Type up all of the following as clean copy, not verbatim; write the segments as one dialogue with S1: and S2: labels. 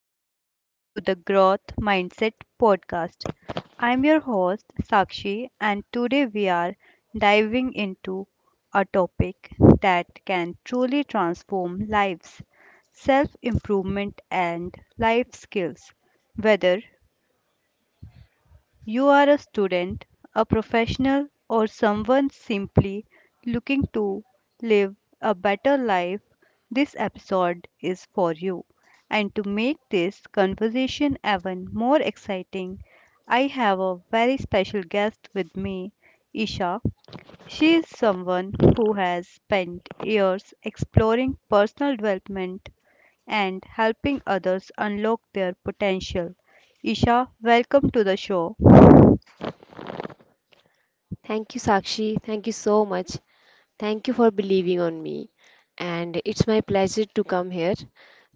S1: and welcome to the Growth Mindset Podcast. I'm your host Sakshi, and today we are diving into a topic that can truly transform lives, self improvement and life skills. Whether you are a student, a professional, or someone simply looking to live a better life, this episode is for you. And to make this conversation even more exciting, I have a very special guest with me, Isha. She is someone who has spent years exploring personal development and helping others unlock their potential. Isha, welcome to the show.
S2: Thank you, Sakshi. Thank you so much. Thank you for believing on me. And it's my pleasure to come here.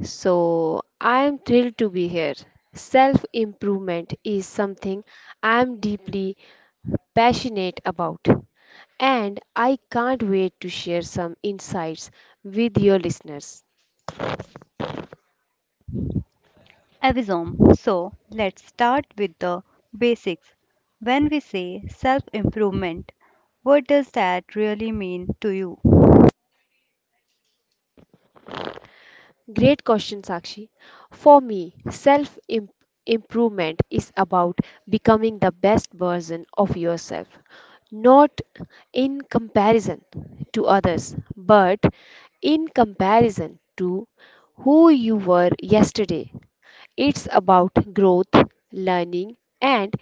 S2: So I am thrilled to be here. Self improvement is something I am deeply passionate about. And I can't wait to share some insights with your listeners.
S1: Avisom. So, let's start with the basics. When we say self improvement, what does that really mean to you?
S2: Great question, Sakshi. For me, self improvement is about becoming the best version of yourself, not in comparison to others, but in comparison to who you were yesterday. It's about growth, learning, and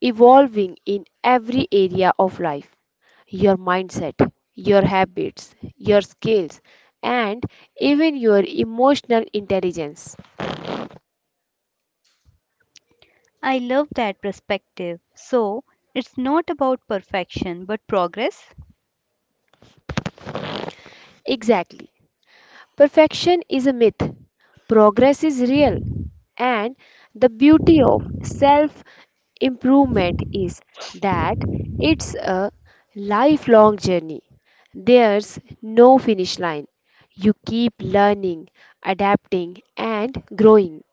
S2: evolving in every area of life: your mindset, your habits, your skills, and even your emotional intelligence.
S1: I love that perspective. So, it's not about perfection but progress.
S2: Exactly. Perfection is a myth, progress is real, and the beauty of self improvement is that it's a lifelong journey. There's no finish line. You keep learning, adapting, and growing.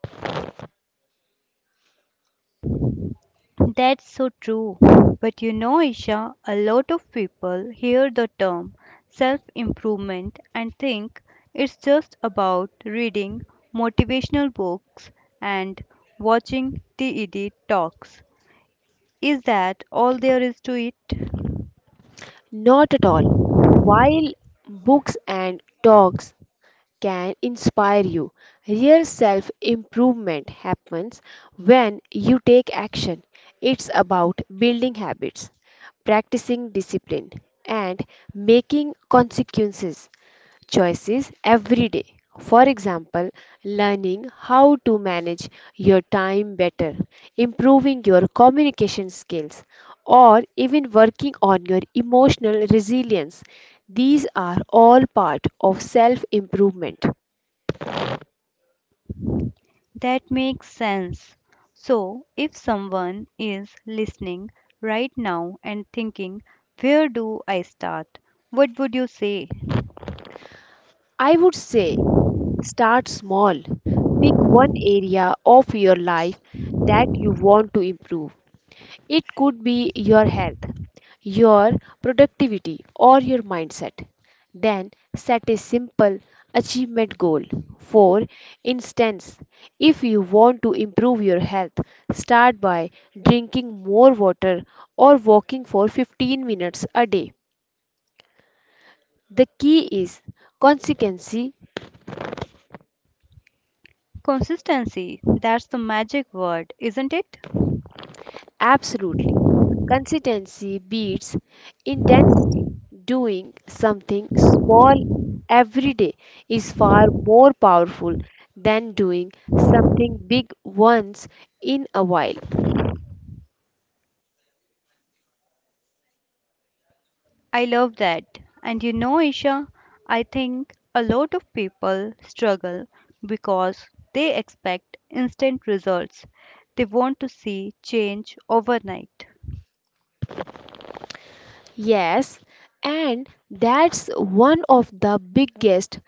S1: That's so true. But you know, Isha, a lot of people hear the term self improvement and think it's just about reading motivational books and watching TED talks. Is that all there is to it?
S2: Not at all. While books and talks can inspire you, real self improvement happens when you take action. It's about building habits, practicing discipline, and making consequences choices every day. For example, learning how to manage your time better, improving your communication skills, or even working on your emotional resilience. These are all part of self improvement.
S1: That makes sense. So, if someone is listening right now and thinking, where do I start? What would you say?
S2: I would say start small. Pick one area of your life that you want to improve. It could be your health, your productivity, or your mindset. Then set a simple achievement goal. For instance, if you want to improve your health, start by drinking more water or walking for 15 minutes a day. The key is consistency.
S1: Consistency, that's the magic word, isn't it?
S2: Absolutely. Consistency beats intensity. Doing something small every day is far more powerful than doing something big once in a while.
S1: I love that. And you know, Isha, I think a lot of people struggle because they expect instant results. They want to see change overnight.
S2: Yes, and that's one of the biggest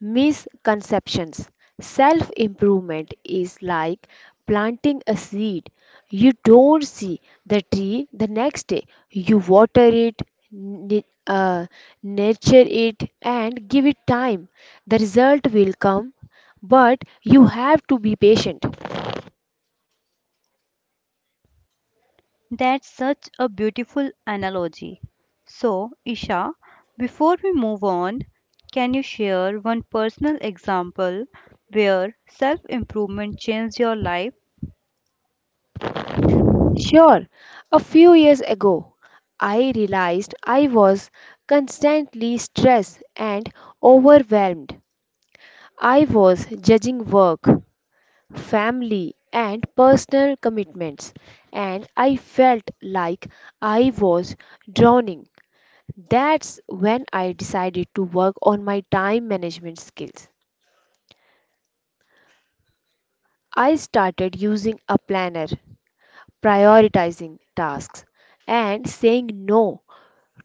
S2: misconceptions. Self improvement is like planting a seed. You don't see the tree the next day, you water it. n- uh, Nurture it and give it time. The result will come, but you have to be patient.
S1: That's such a beautiful analogy. So, Isha, before we move on, can you share one personal example where self improvement changed your life?
S2: Sure, a few years ago, I realized I was constantly stressed and overwhelmed. I was judging work, family, and personal commitments, and I felt like I was drowning. That's when I decided to work on my time management skills. I started using a planner, prioritizing tasks, and saying no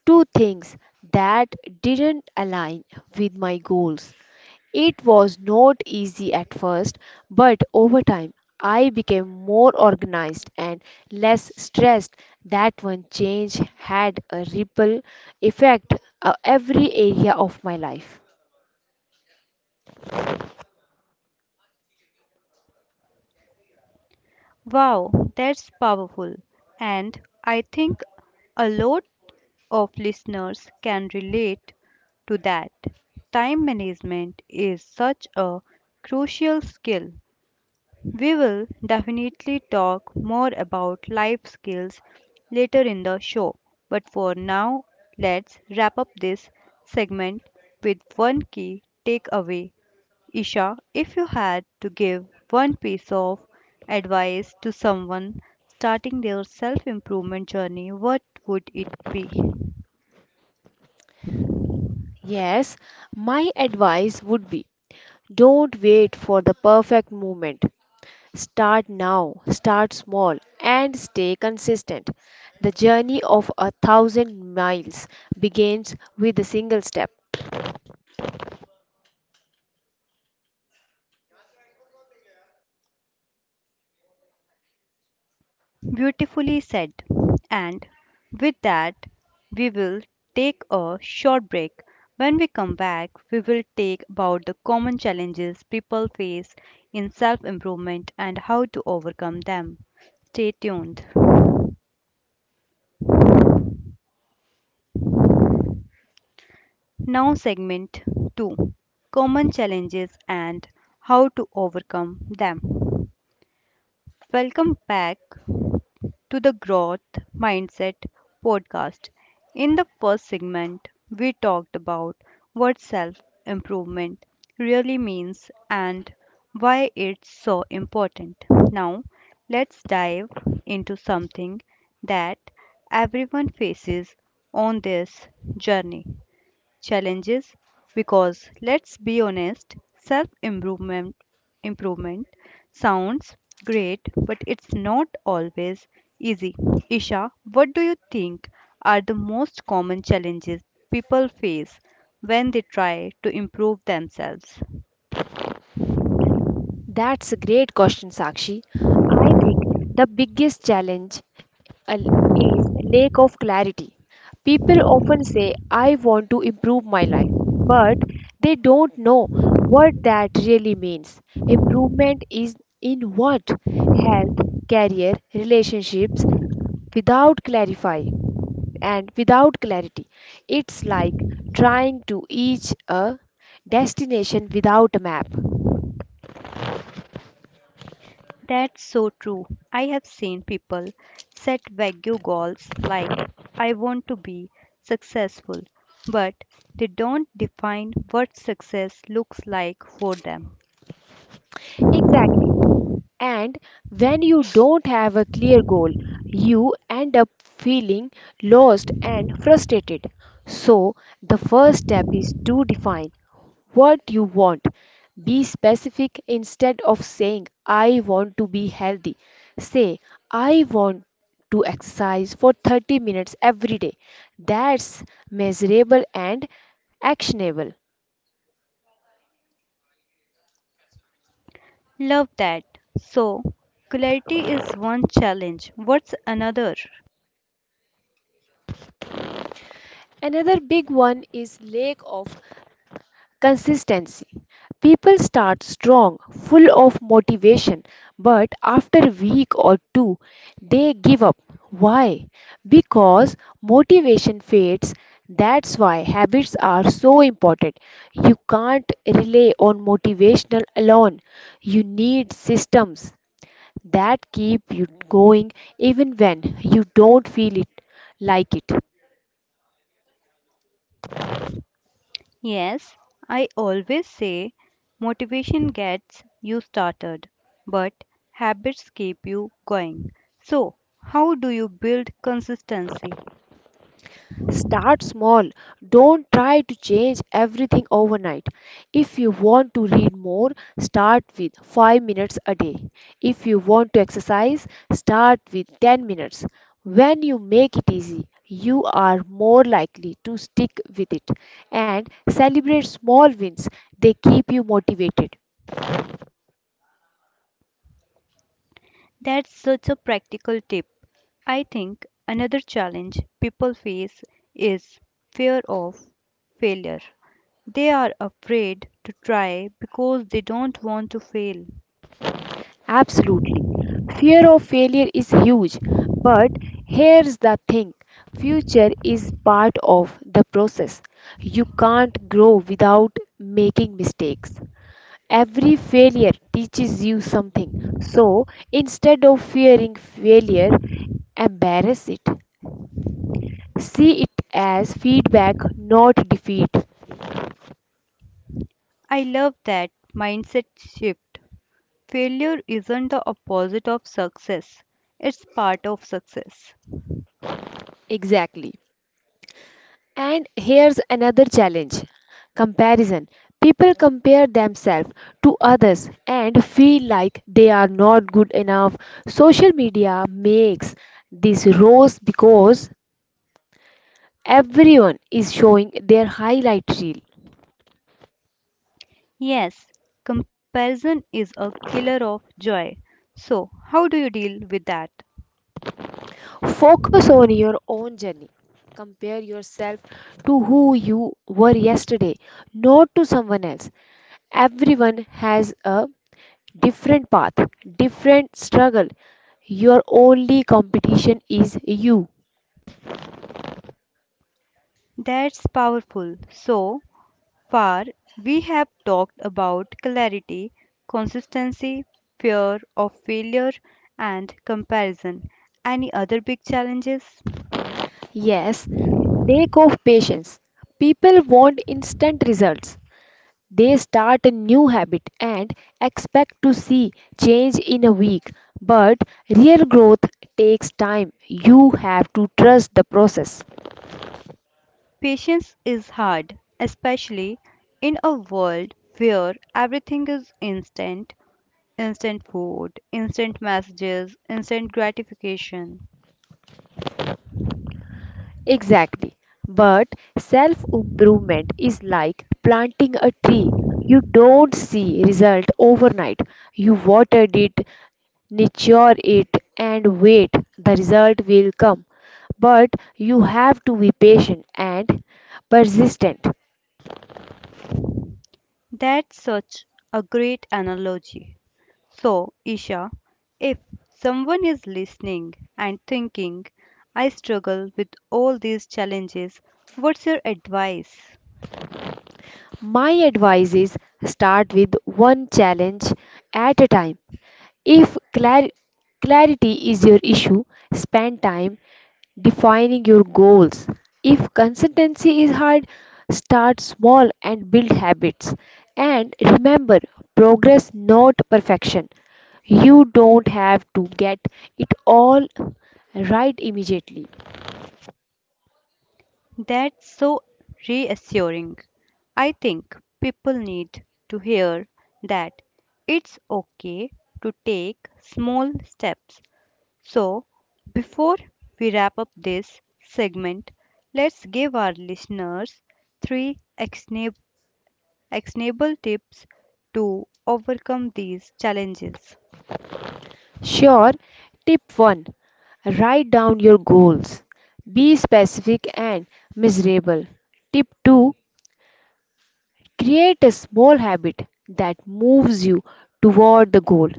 S2: to things that didn't align with my goals. It was not easy at first, but over time I became more organized and less stressed. That one change had a ripple effect on every area of my life.
S1: Wow, that's powerful. And I think a lot of listeners can relate to that. Time management is such a crucial skill. We will definitely talk more about life skills later in the show, but for now, let's wrap up this segment with one key takeaway. Isha, if you had to give one piece of advice to someone starting their self improvement journey, what would it be?
S2: Yes, my advice would be don't wait for the perfect moment. Start now, start small, and stay consistent. The journey of a thousand miles begins with a single step.
S1: Beautifully said. And with that, we will take a short break. When we come back, we will take about the common challenges people face in self improvement and how to overcome them. Stay tuned. Now, segment 2, common challenges and how to overcome them. Welcome back to the Growth Mindset podcast. In the first segment, we talked about what self improvement really means and why it's so important. Now, let's dive into something that everyone faces on this journey, challenges, because let's be honest, self improvement sounds great, but it's not always easy. Isha, what do you think are the most common challenges people face when they try to improve themselves?
S2: That's a great question, Sakshi. I think the biggest challenge uh, is lack of clarity. People often say, I want to improve my life, but they don't know what that really means. Improvement is in what? Health, career, relationships, without clarify and without clarity. It's like trying to reach a destination without a map.
S1: That's so true. I have seen people set vague goals like, I want to be successful, but they don't define what success looks like for them.
S2: Exactly. And when you don't have a clear goal, you end up feeling lost and frustrated. So, the first step is to define what you want. Be specific instead of saying, I want to be healthy. Say, I want to exercise for 30 minutes every day. That's measurable and actionable.
S1: Love that. So, clarity is one challenge. What's another?
S2: Another big one is lack of consistency. People start strong, full of motivation, but after a week or two, they give up. Why? Because motivation fades. That's why habits are so important. You can't rely on motivational alone. You need systems that keep you going even when you don't feel it like it.
S1: Yes, I always say motivation gets you started, but habits keep you going. So, how do you build consistency?
S2: Start small. Don't try to change everything overnight. If you want to read more, start with 5 minutes a day. If you want to exercise, start with 10 minutes. When you make it easy, you are more likely to stick with it, and celebrate small wins. They keep you motivated.
S1: That's such a practical tip. I think another challenge people face is fear of failure. They are afraid to try because they don't want to fail.
S2: Absolutely. Fear of failure is huge, but here's the thing: future is part of the process. You can't grow without making mistakes. Every failure teaches you something. So instead of fearing failure, embrace it. See it as feedback, not defeat.
S1: I love that mindset shift. Failure isn't the opposite of success, it's part of success.
S2: Exactly. And here's another challenge: comparison. People compare themselves to others and feel like they are not good enough. Social media makes this rose because everyone is showing their highlight reel.
S1: Yes, comparison is a killer of joy. So, how do you deal with that?
S2: Focus on your own journey. Compare yourself to who you were yesterday, not to someone else. Everyone has a different path, different struggle. Your only competition is you.
S1: That's powerful. So, far, we have talked about clarity, consistency, fear of failure, and comparison. Any other big challenges?
S2: Yes, lack of patience. People want instant results. They start a new habit and expect to see change in a week. But real growth takes time. You have to trust the process.
S1: Patience is hard, especially in a world where everything is instant. Instant food, instant messages, instant gratification.
S2: Exactly. But self improvement is like planting a tree. You don't see result overnight. You watered it, nurture it and wait. The result will come. But you have to be patient and persistent.
S1: That's such a great analogy. So, Isha, if someone is listening and thinking, I struggle with all these challenges, what's your advice?
S2: My advice is start with one challenge at a time. If clarity is your issue, spend time defining your goals. If consistency is hard, start small and build habits. And remember, progress not perfection. You don't have to get it all right immediately.
S1: That's so reassuring. I think people need to hear that it's okay to take small steps. So, before we wrap up this segment, let's give our listeners three actionable tips to overcome these challenges.
S2: Sure, tip 1: write down your goals. Be specific and miserable. Tip 2: create a small habit that moves you toward the goal.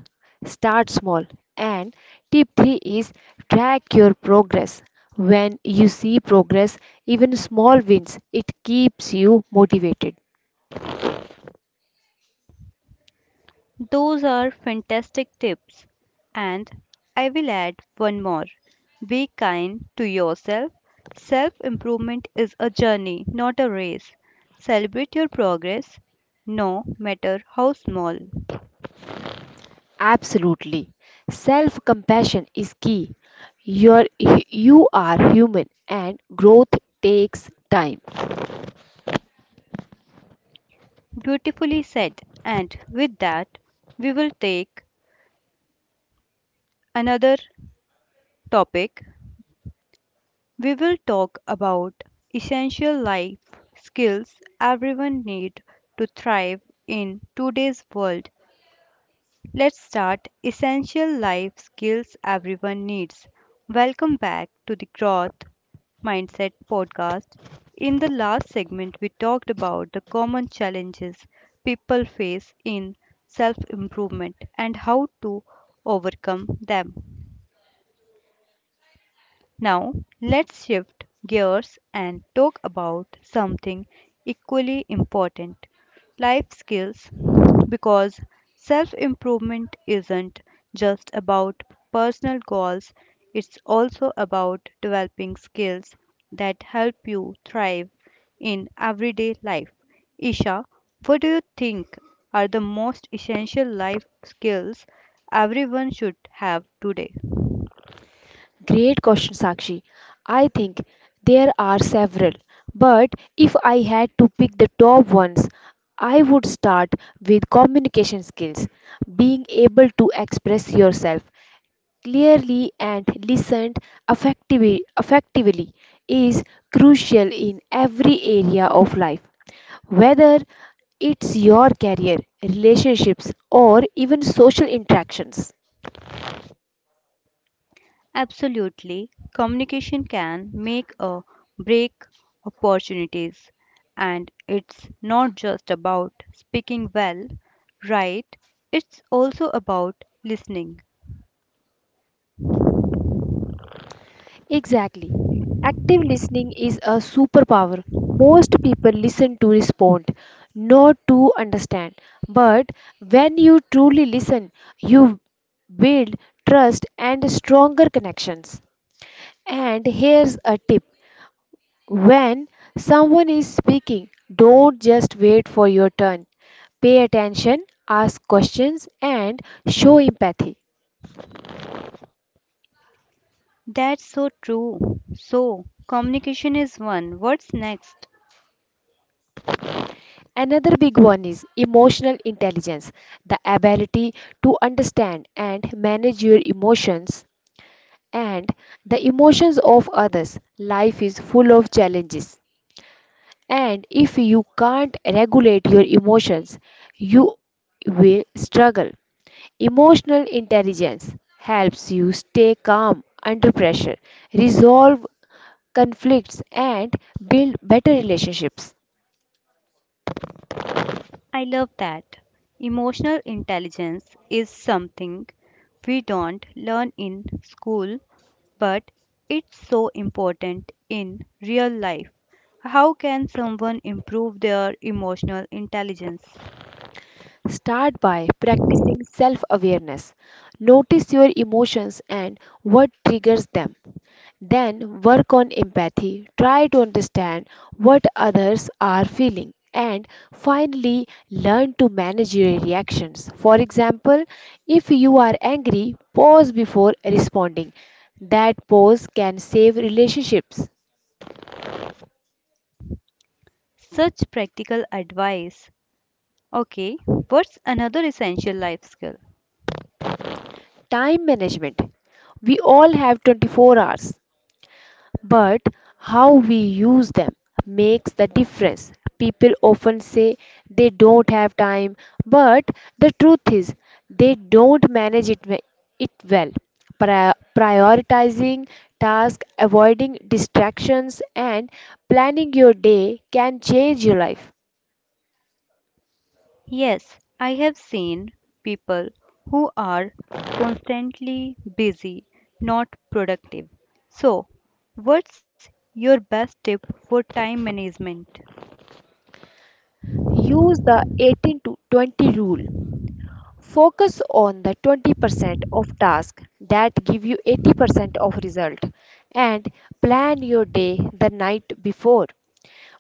S2: Start small. And tip 3 is track your progress. When you see progress, even small wins, it keeps you motivated.
S1: Those are fantastic tips. And I will add one more, be kind to yourself. Self improvement is a journey, not a race. Celebrate your progress, no matter how small.
S2: Absolutely. Self compassion is key. You're, you are human and growth takes time.
S1: Beautifully said. And with that, we will take another topic. We will talk about essential life skills everyone need to thrive in today's world. Let's start essential life skills everyone needs. Welcome back to the Growth Mindset podcast. In the last segment we talked about the common challenges people face in self-improvement and how to overcome them. Now, let's shift gears and talk about something equally important, life skills. Because self improvement isn't just about personal goals, it's also about developing skills that help you thrive in everyday life. Isha, what do you think are the most essential life skills everyone should have today?
S2: Great question, Sakshi. I think there are several, but if I had to pick the top ones, I would start with communication skills, being able to express yourself clearly and listened effectively, is crucial in every area of life, whether it's your career, relationships, or even social interactions.
S1: Absolutely, communication can make or break opportunities, and it's not just about speaking well, right? It's also about listening.
S2: Exactly. Active listening is a superpower. Most people listen to respond, not to understand. But when you truly listen, you build trust and stronger connections. And here's a tip: when someone is speaking, don't just wait for your turn. Pay attention, ask questions, and show empathy.
S1: That's so true. So, communication is one. What's next?
S2: Another big one is emotional intelligence, the ability to understand and manage your emotions and the emotions of others. Life is full of challenges, and if you can't regulate your emotions, you will struggle. Emotional intelligence helps you stay calm under pressure, resolve conflicts, and build better relationships.
S1: I love that. Emotional intelligence is something we don't learn in school, but it's so important in real life. How can someone improve their emotional intelligence?
S2: Start by practicing self awareness. Notice your emotions and what triggers them. Then work on empathy. Try to understand what others are feeling. And finally, learn to manage your reactions. For example, if you are angry, pause before responding. That pause can save relationships.
S1: Such practical advice. Okay, what's another essential life skill?
S2: Time management. We all have 24 hours, but how we use them makes the difference. People often say they don't have time, but the truth is they don't manage it well. Prioritizing tasks, avoiding distractions, and planning your day can change your life.
S1: Yes, I have seen people who are constantly busy, not productive. So, what's your best tip for time management?
S2: Use the 18 to 20 rule. Focus on the 20% of tasks that give you 80% of result, and plan your day the night before.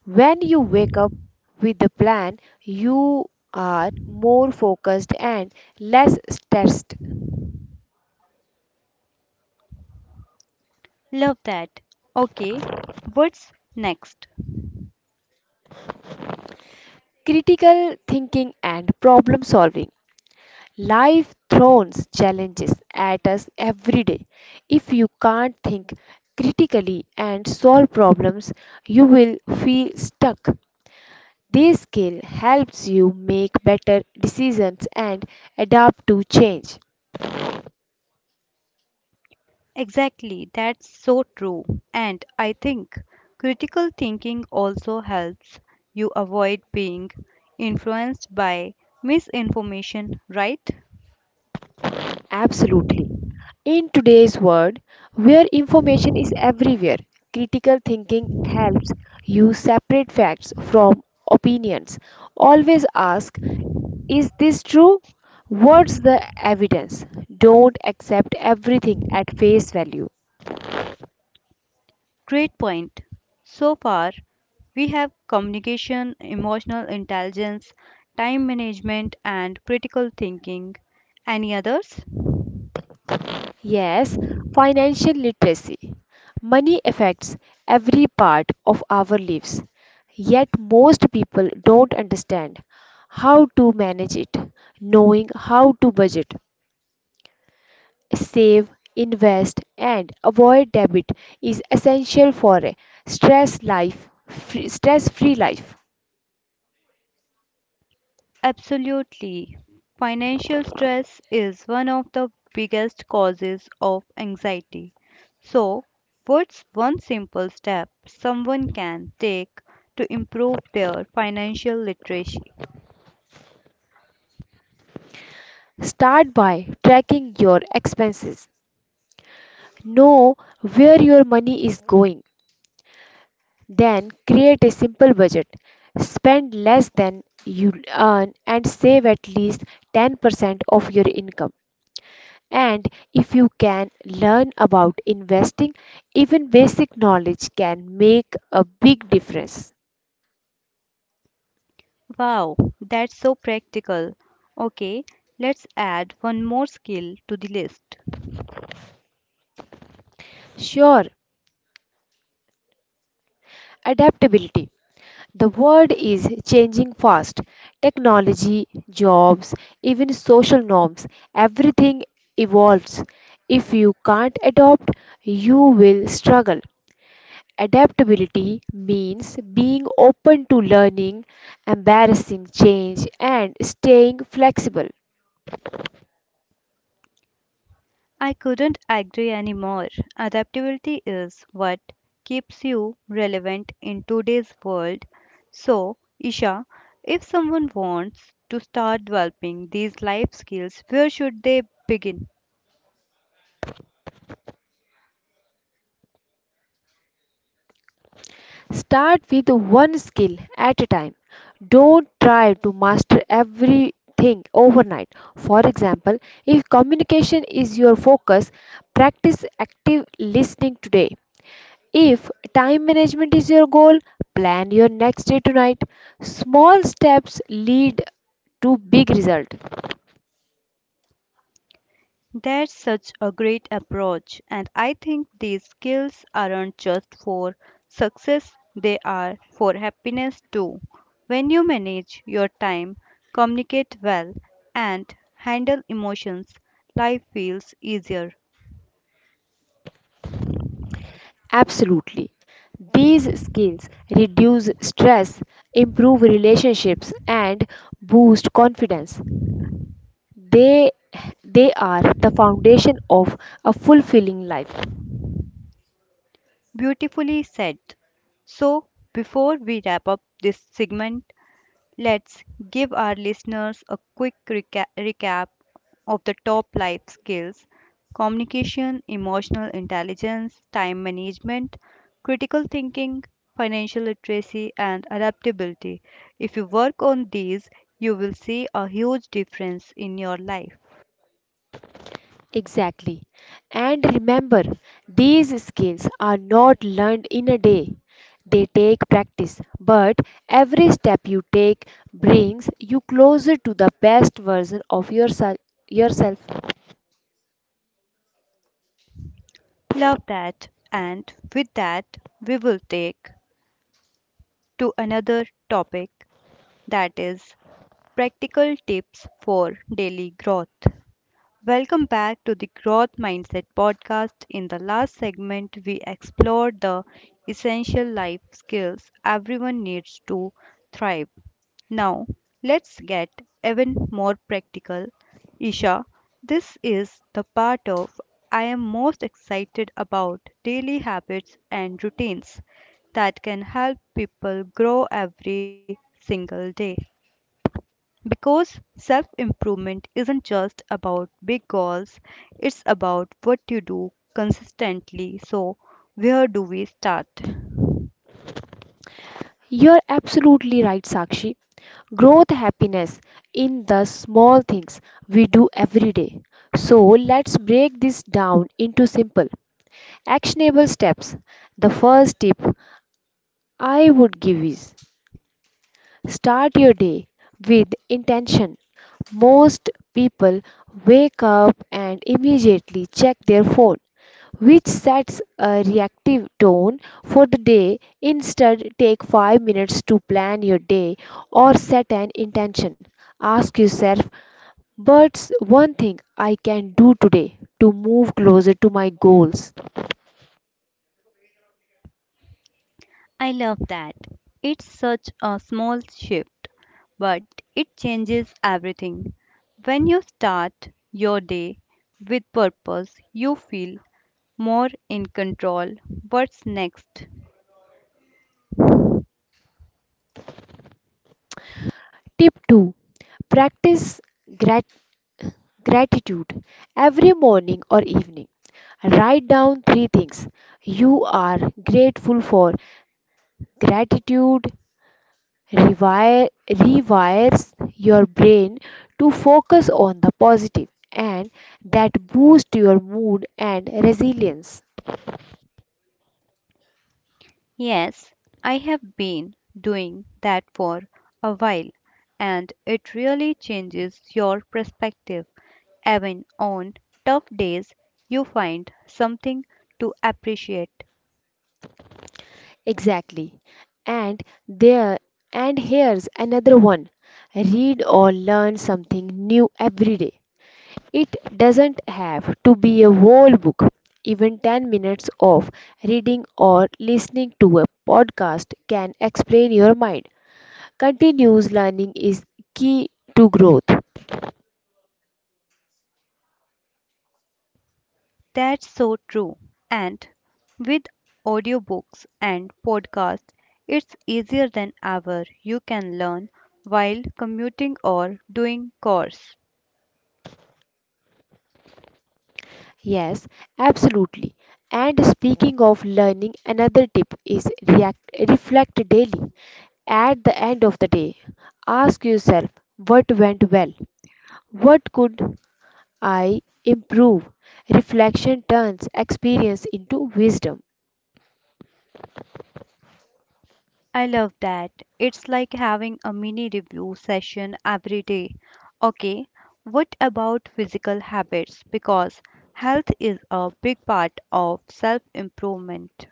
S2: When you wake up with a plan, you are more focused and less stressed.
S1: Love that. Okay, what's next?
S2: Critical thinking and problem solving. Life throws challenges at us every day. If you can't think critically and solve problems, you will feel stuck. This skill helps you make better decisions and adapt to change.
S1: Exactly, that's so true. And I think critical thinking also helps you avoid being influenced by misinformation, right?
S2: Absolutely. In today's world, where information is everywhere, critical thinking helps you separate facts from opinions. Always ask, is this true? What's the evidence? Don't accept everything at face value.
S1: Great point. So far, we have communication, emotional intelligence, time management, and critical thinking. Any others?
S2: Yes, financial literacy. Money affects every part of our lives, yet most people don't understand how to manage it. Knowing how to budget, save, invest, and avoid debt is essential for a stress-free life.
S1: Absolutely. Financial stress is one of the biggest causes of anxiety. So, what's one simple step someone can take to improve their financial literacy?
S2: Start by tracking your expenses. Know where your money is going. Then create a simple budget. Spend less than you earn and save at least 10% of your income. And if you can learn about investing, even basic knowledge can make a big difference.
S1: Wow, that's so practical. Okay, let's add one more skill to the list.
S2: Sure, adaptability. The world is changing fast. Technology, jobs, even social norms, everything evolves. If you can't adopt, you will struggle. Adaptability means being open to learning, embarrassing change, and staying flexible.
S1: I couldn't agree anymore. Adaptability is what keeps you relevant in today's world. So, Isha, if someone wants to start developing these life skills, where should they begin?
S2: Start with one skill at a time. Don't try to master everything overnight. For example, if communication is your focus, practice active listening today. If time management is your goal, plan your next day tonight. Small steps lead to big result.
S1: That's such a great approach, and I think these skills aren't just for success, they are for happiness too. When you manage your time, communicate well, and handle emotions, life feels easier.
S2: Absolutely. These skills reduce stress, improve relationships, and boost confidence. They, they are the foundation of a fulfilling life.
S1: Beautifully said. So, before we wrap up this segment, let's give our listeners a quick recap of the top life skills, communication, emotional intelligence, time management, critical thinking, financial literacy, and adaptability. If you work on these, you will see a huge difference in your life.
S2: Exactly. And remember, these skills are not learned in a day. They take practice, but every step you take brings you closer to the best version of yourself.
S1: Love that. And with that, we will take to another topic, that is practical tips for daily growth. Welcome back to the Growth Mindset podcast. In the last segment, we explored the essential life skills everyone needs to thrive. Now, let's get even more practical. Isha, this is the part of I am most excited about, daily habits and routines that can help people grow every single day. Because self improvement isn't just about big goals, it's about what you do consistently. So, where do we start?
S2: You're absolutely right, Sakshi. Growth happiness in the small things we do every day. So let's break this down into simple, actionable steps. The first tip I would give is: start your day with intention. Most people wake up and immediately check their phone, which sets a reactive tone for the day. Instead, take 5 minutes to plan your day or set an intention. Ask yourself, what's one thing I can do today to move closer to my goals?
S1: I love that. It's such a small shift, but it changes everything. When you start your day with purpose, you feel more in control. What's next?
S2: Tip 2, practice gratitude. Gratitude. Every morning or evening, write down three things you are grateful for. Gratitude rewires your brain to focus on the positive, and that boosts your mood and resilience.
S1: Yes, I have been doing that for a while, and it really changes your perspective. Even on tough days, you find something to appreciate.
S2: Exactly. And there and here's another one. Read or learn something new every day. It doesn't have to be a whole book. Even 10 minutes of reading or listening to a podcast can explain your mind. Continuous learning is key to growth.
S1: That's so true. And with audiobooks and podcasts, it's easier than ever. You can learn while commuting or doing chores.
S2: Yes, absolutely. And speaking of learning, another tip is reflect daily. At the end of the day, ask yourself, what went well? What could I improve? Reflection turns experience into wisdom.
S1: I love that. It's like having a mini review session every day. Okay, what about physical habits? Because health is a big part of self improvement.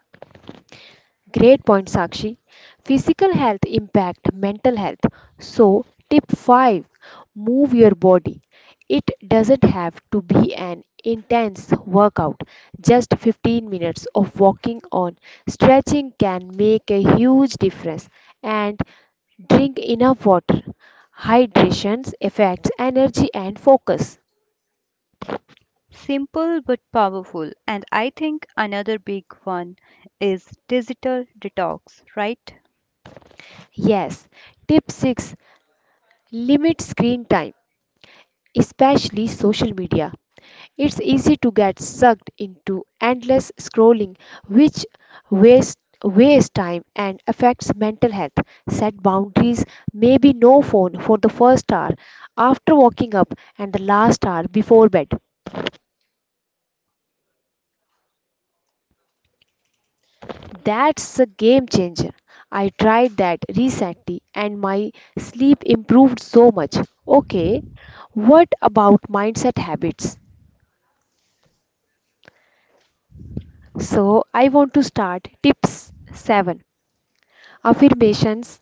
S2: Great point, Sakshi. Physical health impact mental health. So, tip 5, move your body. It doesn't have to be an intense workout. Just 15 minutes of walking on stretching can make a huge difference. And drink enough water. Hydration affects energy and focus.
S1: Simple but powerful. And I think another big one is digital detox, right?
S2: Yes. Tip 6, limit screen time, especially social media. It's easy to get sucked into endless scrolling, which wastes wastes time and affects mental health. Set boundaries, maybe no phone for the first hour after waking up and the last hour before bed. That's a game changer. I tried that recently and my sleep improved so much. Okay, what about mindset habits? So, I want to start tips 7, affirmations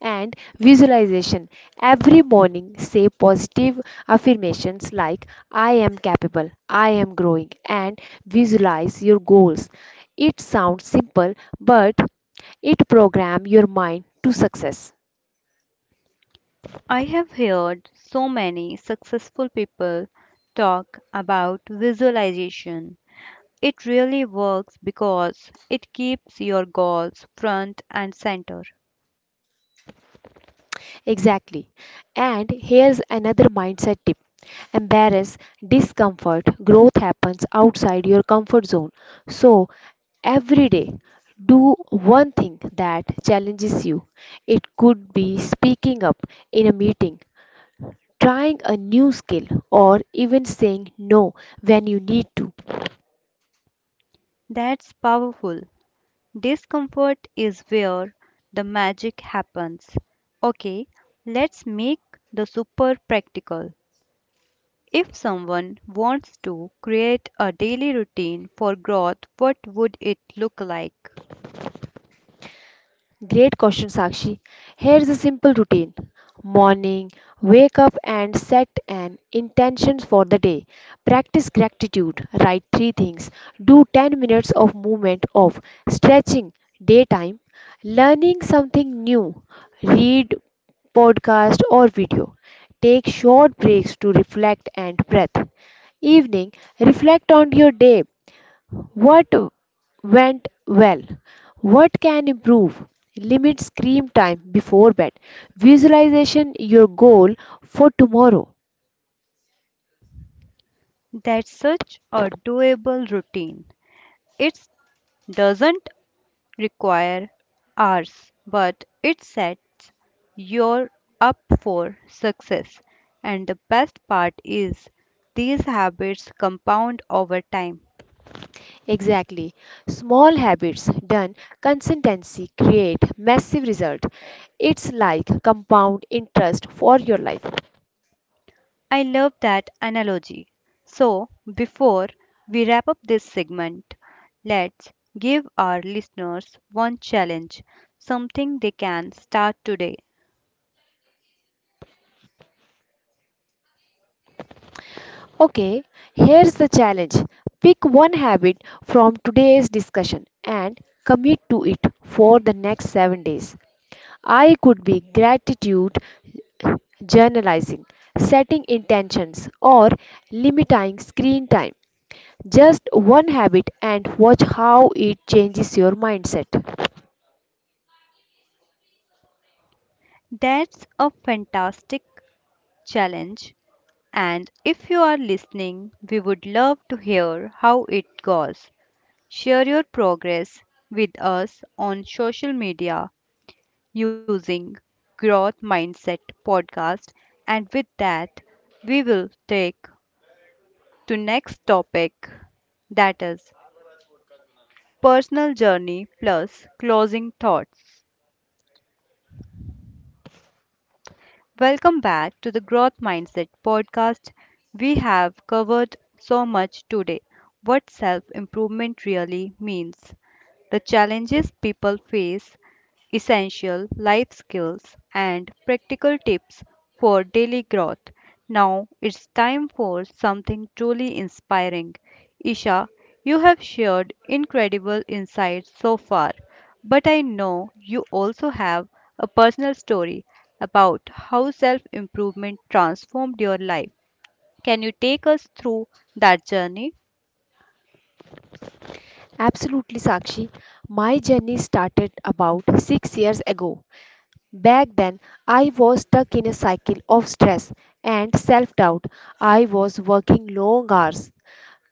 S2: and visualization. Every morning, say positive affirmations like I am capable, I am growing, and visualize your goals. It sounds simple, but it programs your mind to success.
S1: I have heard so many successful people talk about visualization. It really works because it keeps your goals front and center.
S2: Exactly. And here's another mindset tip. Embrace discomfort. Growth happens outside your comfort zone. So, every day, do one thing that challenges you. It could be speaking up in a meeting, trying a new skill, or even saying no when you need to.
S1: That's powerful. Discomfort is where the magic happens. Okay, let's make the super practical. If someone wants to create a daily routine for growth, what would it look like?
S2: Great question, Sakshi. Here's a simple routine. Morning, wake up and set an intention for the day. Practice gratitude. Write three things. Do 10 minutes of movement of stretching. Daytime, learning something new. Read, podcast, or video. Take short breaks to reflect and breath. Evening, reflect on your day. What went well? What can improve? Limit screen time before bed. Visualization your goal for tomorrow.
S1: That's such a doable routine. It doesn't require hours, but it sets you up for success. And the best part is, these habits compound over time.
S2: Exactly. Small habits done consistency create massive result. It's like compound interest for your life.
S1: I love that analogy. So, before we wrap up this segment, let's give our listeners one challenge, something they can start today.
S2: Okay, here's the challenge. Pick one habit from today's discussion and commit to it for the next 7 days. I could be gratitude journalizing, setting intentions, or limiting screen time. Just one habit and watch how it changes your mindset.
S1: That's a fantastic challenge. And if you are listening, we would love to hear how it goes. Share your progress with us on social media using Growth Mindset Podcast. And with that, we will take to next topic, that is personal journey plus closing thoughts. Welcome back to the Growth Mindset podcast. We have covered so much today, what self improvement really means, the challenges people face, essential life skills, and practical tips for daily growth. Now it's time for something truly inspiring. Isha, you have shared incredible insights so far, but I know you also have a personal story about how self improvement transformed your life. Can you take us through that journey?
S2: Absolutely, Sakshi. My journey started about 6 years ago. Back then, I was stuck in a cycle of stress and self doubt. I was working long hours,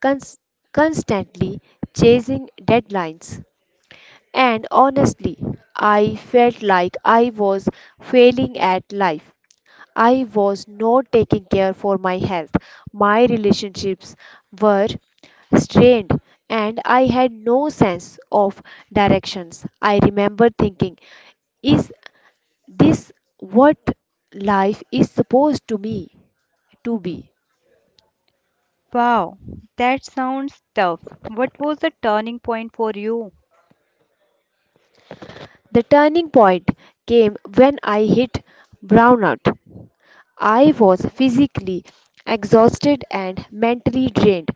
S2: cons- constantly chasing deadlines. And honestly, I felt like I was failing at life. I was not taking care for my health. My relationships were strained, and I had no sense of directions. I remember thinking, is this what life is supposed to me to be?
S1: Wow, that sounds tough. What was the turning point for you?
S2: The turning point came when I hit brownout. I was physically exhausted and mentally drained.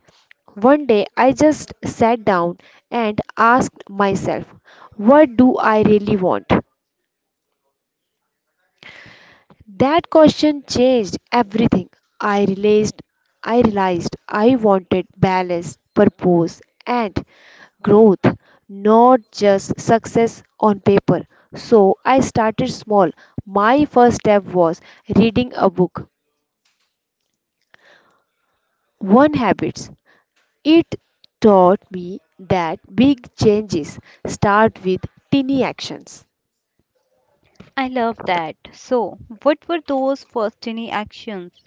S2: One day I just sat down and asked myself, what do I really want? That question changed everything. I realized I realized I wanted balance, purpose, and growth, not just success on paper. So I started small. My first step was reading a book, one habits. It taught me that big changes start with tiny actions.
S1: I love that. So, what were those first tiny actions?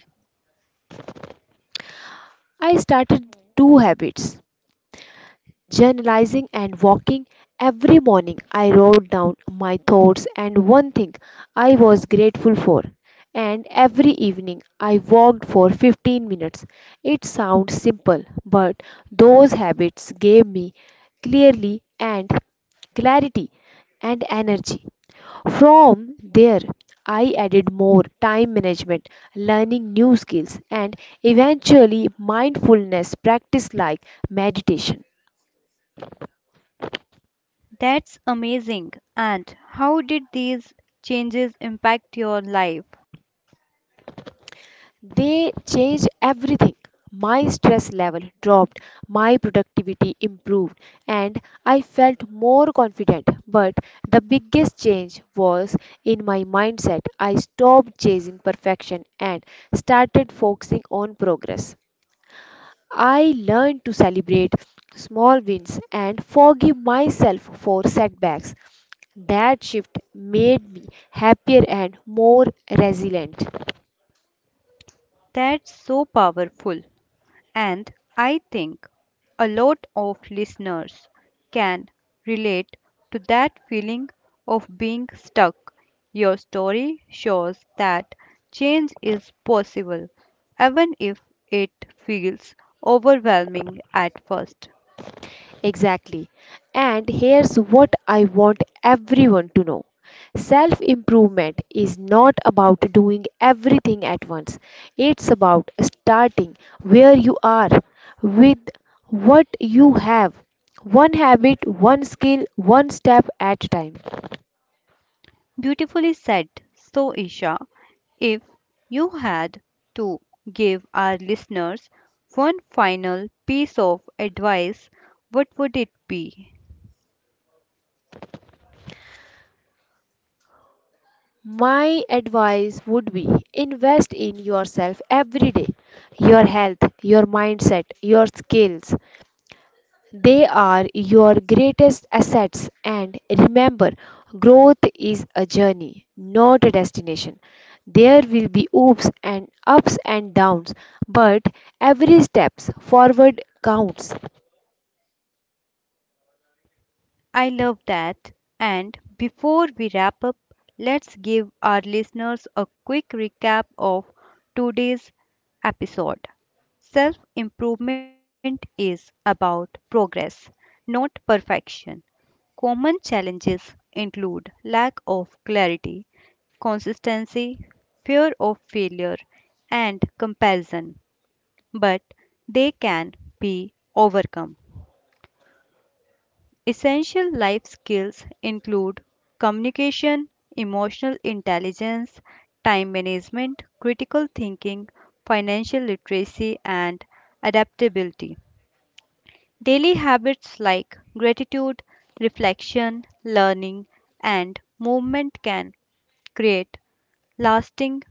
S2: I started two habits, journalizing and walking. Every morning, I wrote down my thoughts and one thing I was grateful for. And every evening, I walked for 15 minutes. It sounds simple, but those habits gave me clearly and clarity and energy. From there, I added more time management, learning new skills, and eventually mindfulness practice like meditation.
S1: That's amazing. And how did these changes impact your life?
S2: They changed everything. My stress level dropped, my productivity improved, and I felt more confident. But the biggest change was in my mindset. I stopped chasing perfection and started focusing on progress. I learned to celebrate small wins and forgive myself for setbacks. That shift made me happier and more resilient.
S1: That's so powerful. And I think a lot of listeners can relate to that feeling of being stuck. Your story shows that change is possible, even if it feels overwhelming at first.
S2: Exactly. And here's what I want everyone to know. Self improvement is not about doing everything at once. It's about starting where you are with what you have. One habit, one skill, one step at a time.
S1: Beautifully said. So, Isha, if you had to give our listeners one final piece of advice, what would it be?
S2: My advice would be invest in yourself every day. Your health, your mindset, your skills. They are your greatest assets. And remember, growth is a journey, not a destination. There will be ups and downs, but every step forward counts.
S1: I love that. And before we wrap up, let's give our listeners a quick recap of today's episode. Self improvement is about progress, not perfection. Common challenges include lack of clarity, consistency, fear of failure, and comparison, but they can be overcome. Essential life skills include communication, emotional intelligence, time management, critical thinking, financial literacy, and adaptability. Daily habits like gratitude, reflection, learning, and movement can create lasting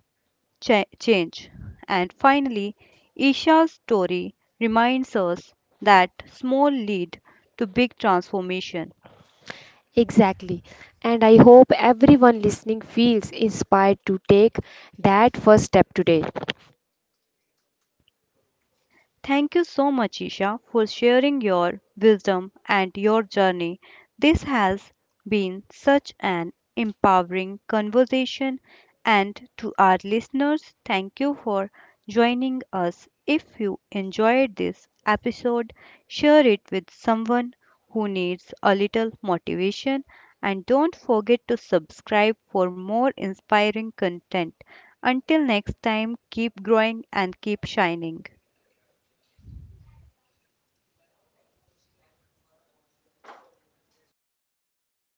S1: change. And finally, Isha's story reminds us that small lead to big transformation.
S2: Exactly. And I hope everyone listening feels inspired to take that first step today.
S1: Thank you so much, Isha, for sharing your wisdom and your journey. This has been such an empowering conversation. And to our listeners, thank you for joining us. If you enjoyed this episode, share it with someone who needs a little motivation. And don't forget to subscribe for more inspiring content. Until next time, keep growing and keep shining.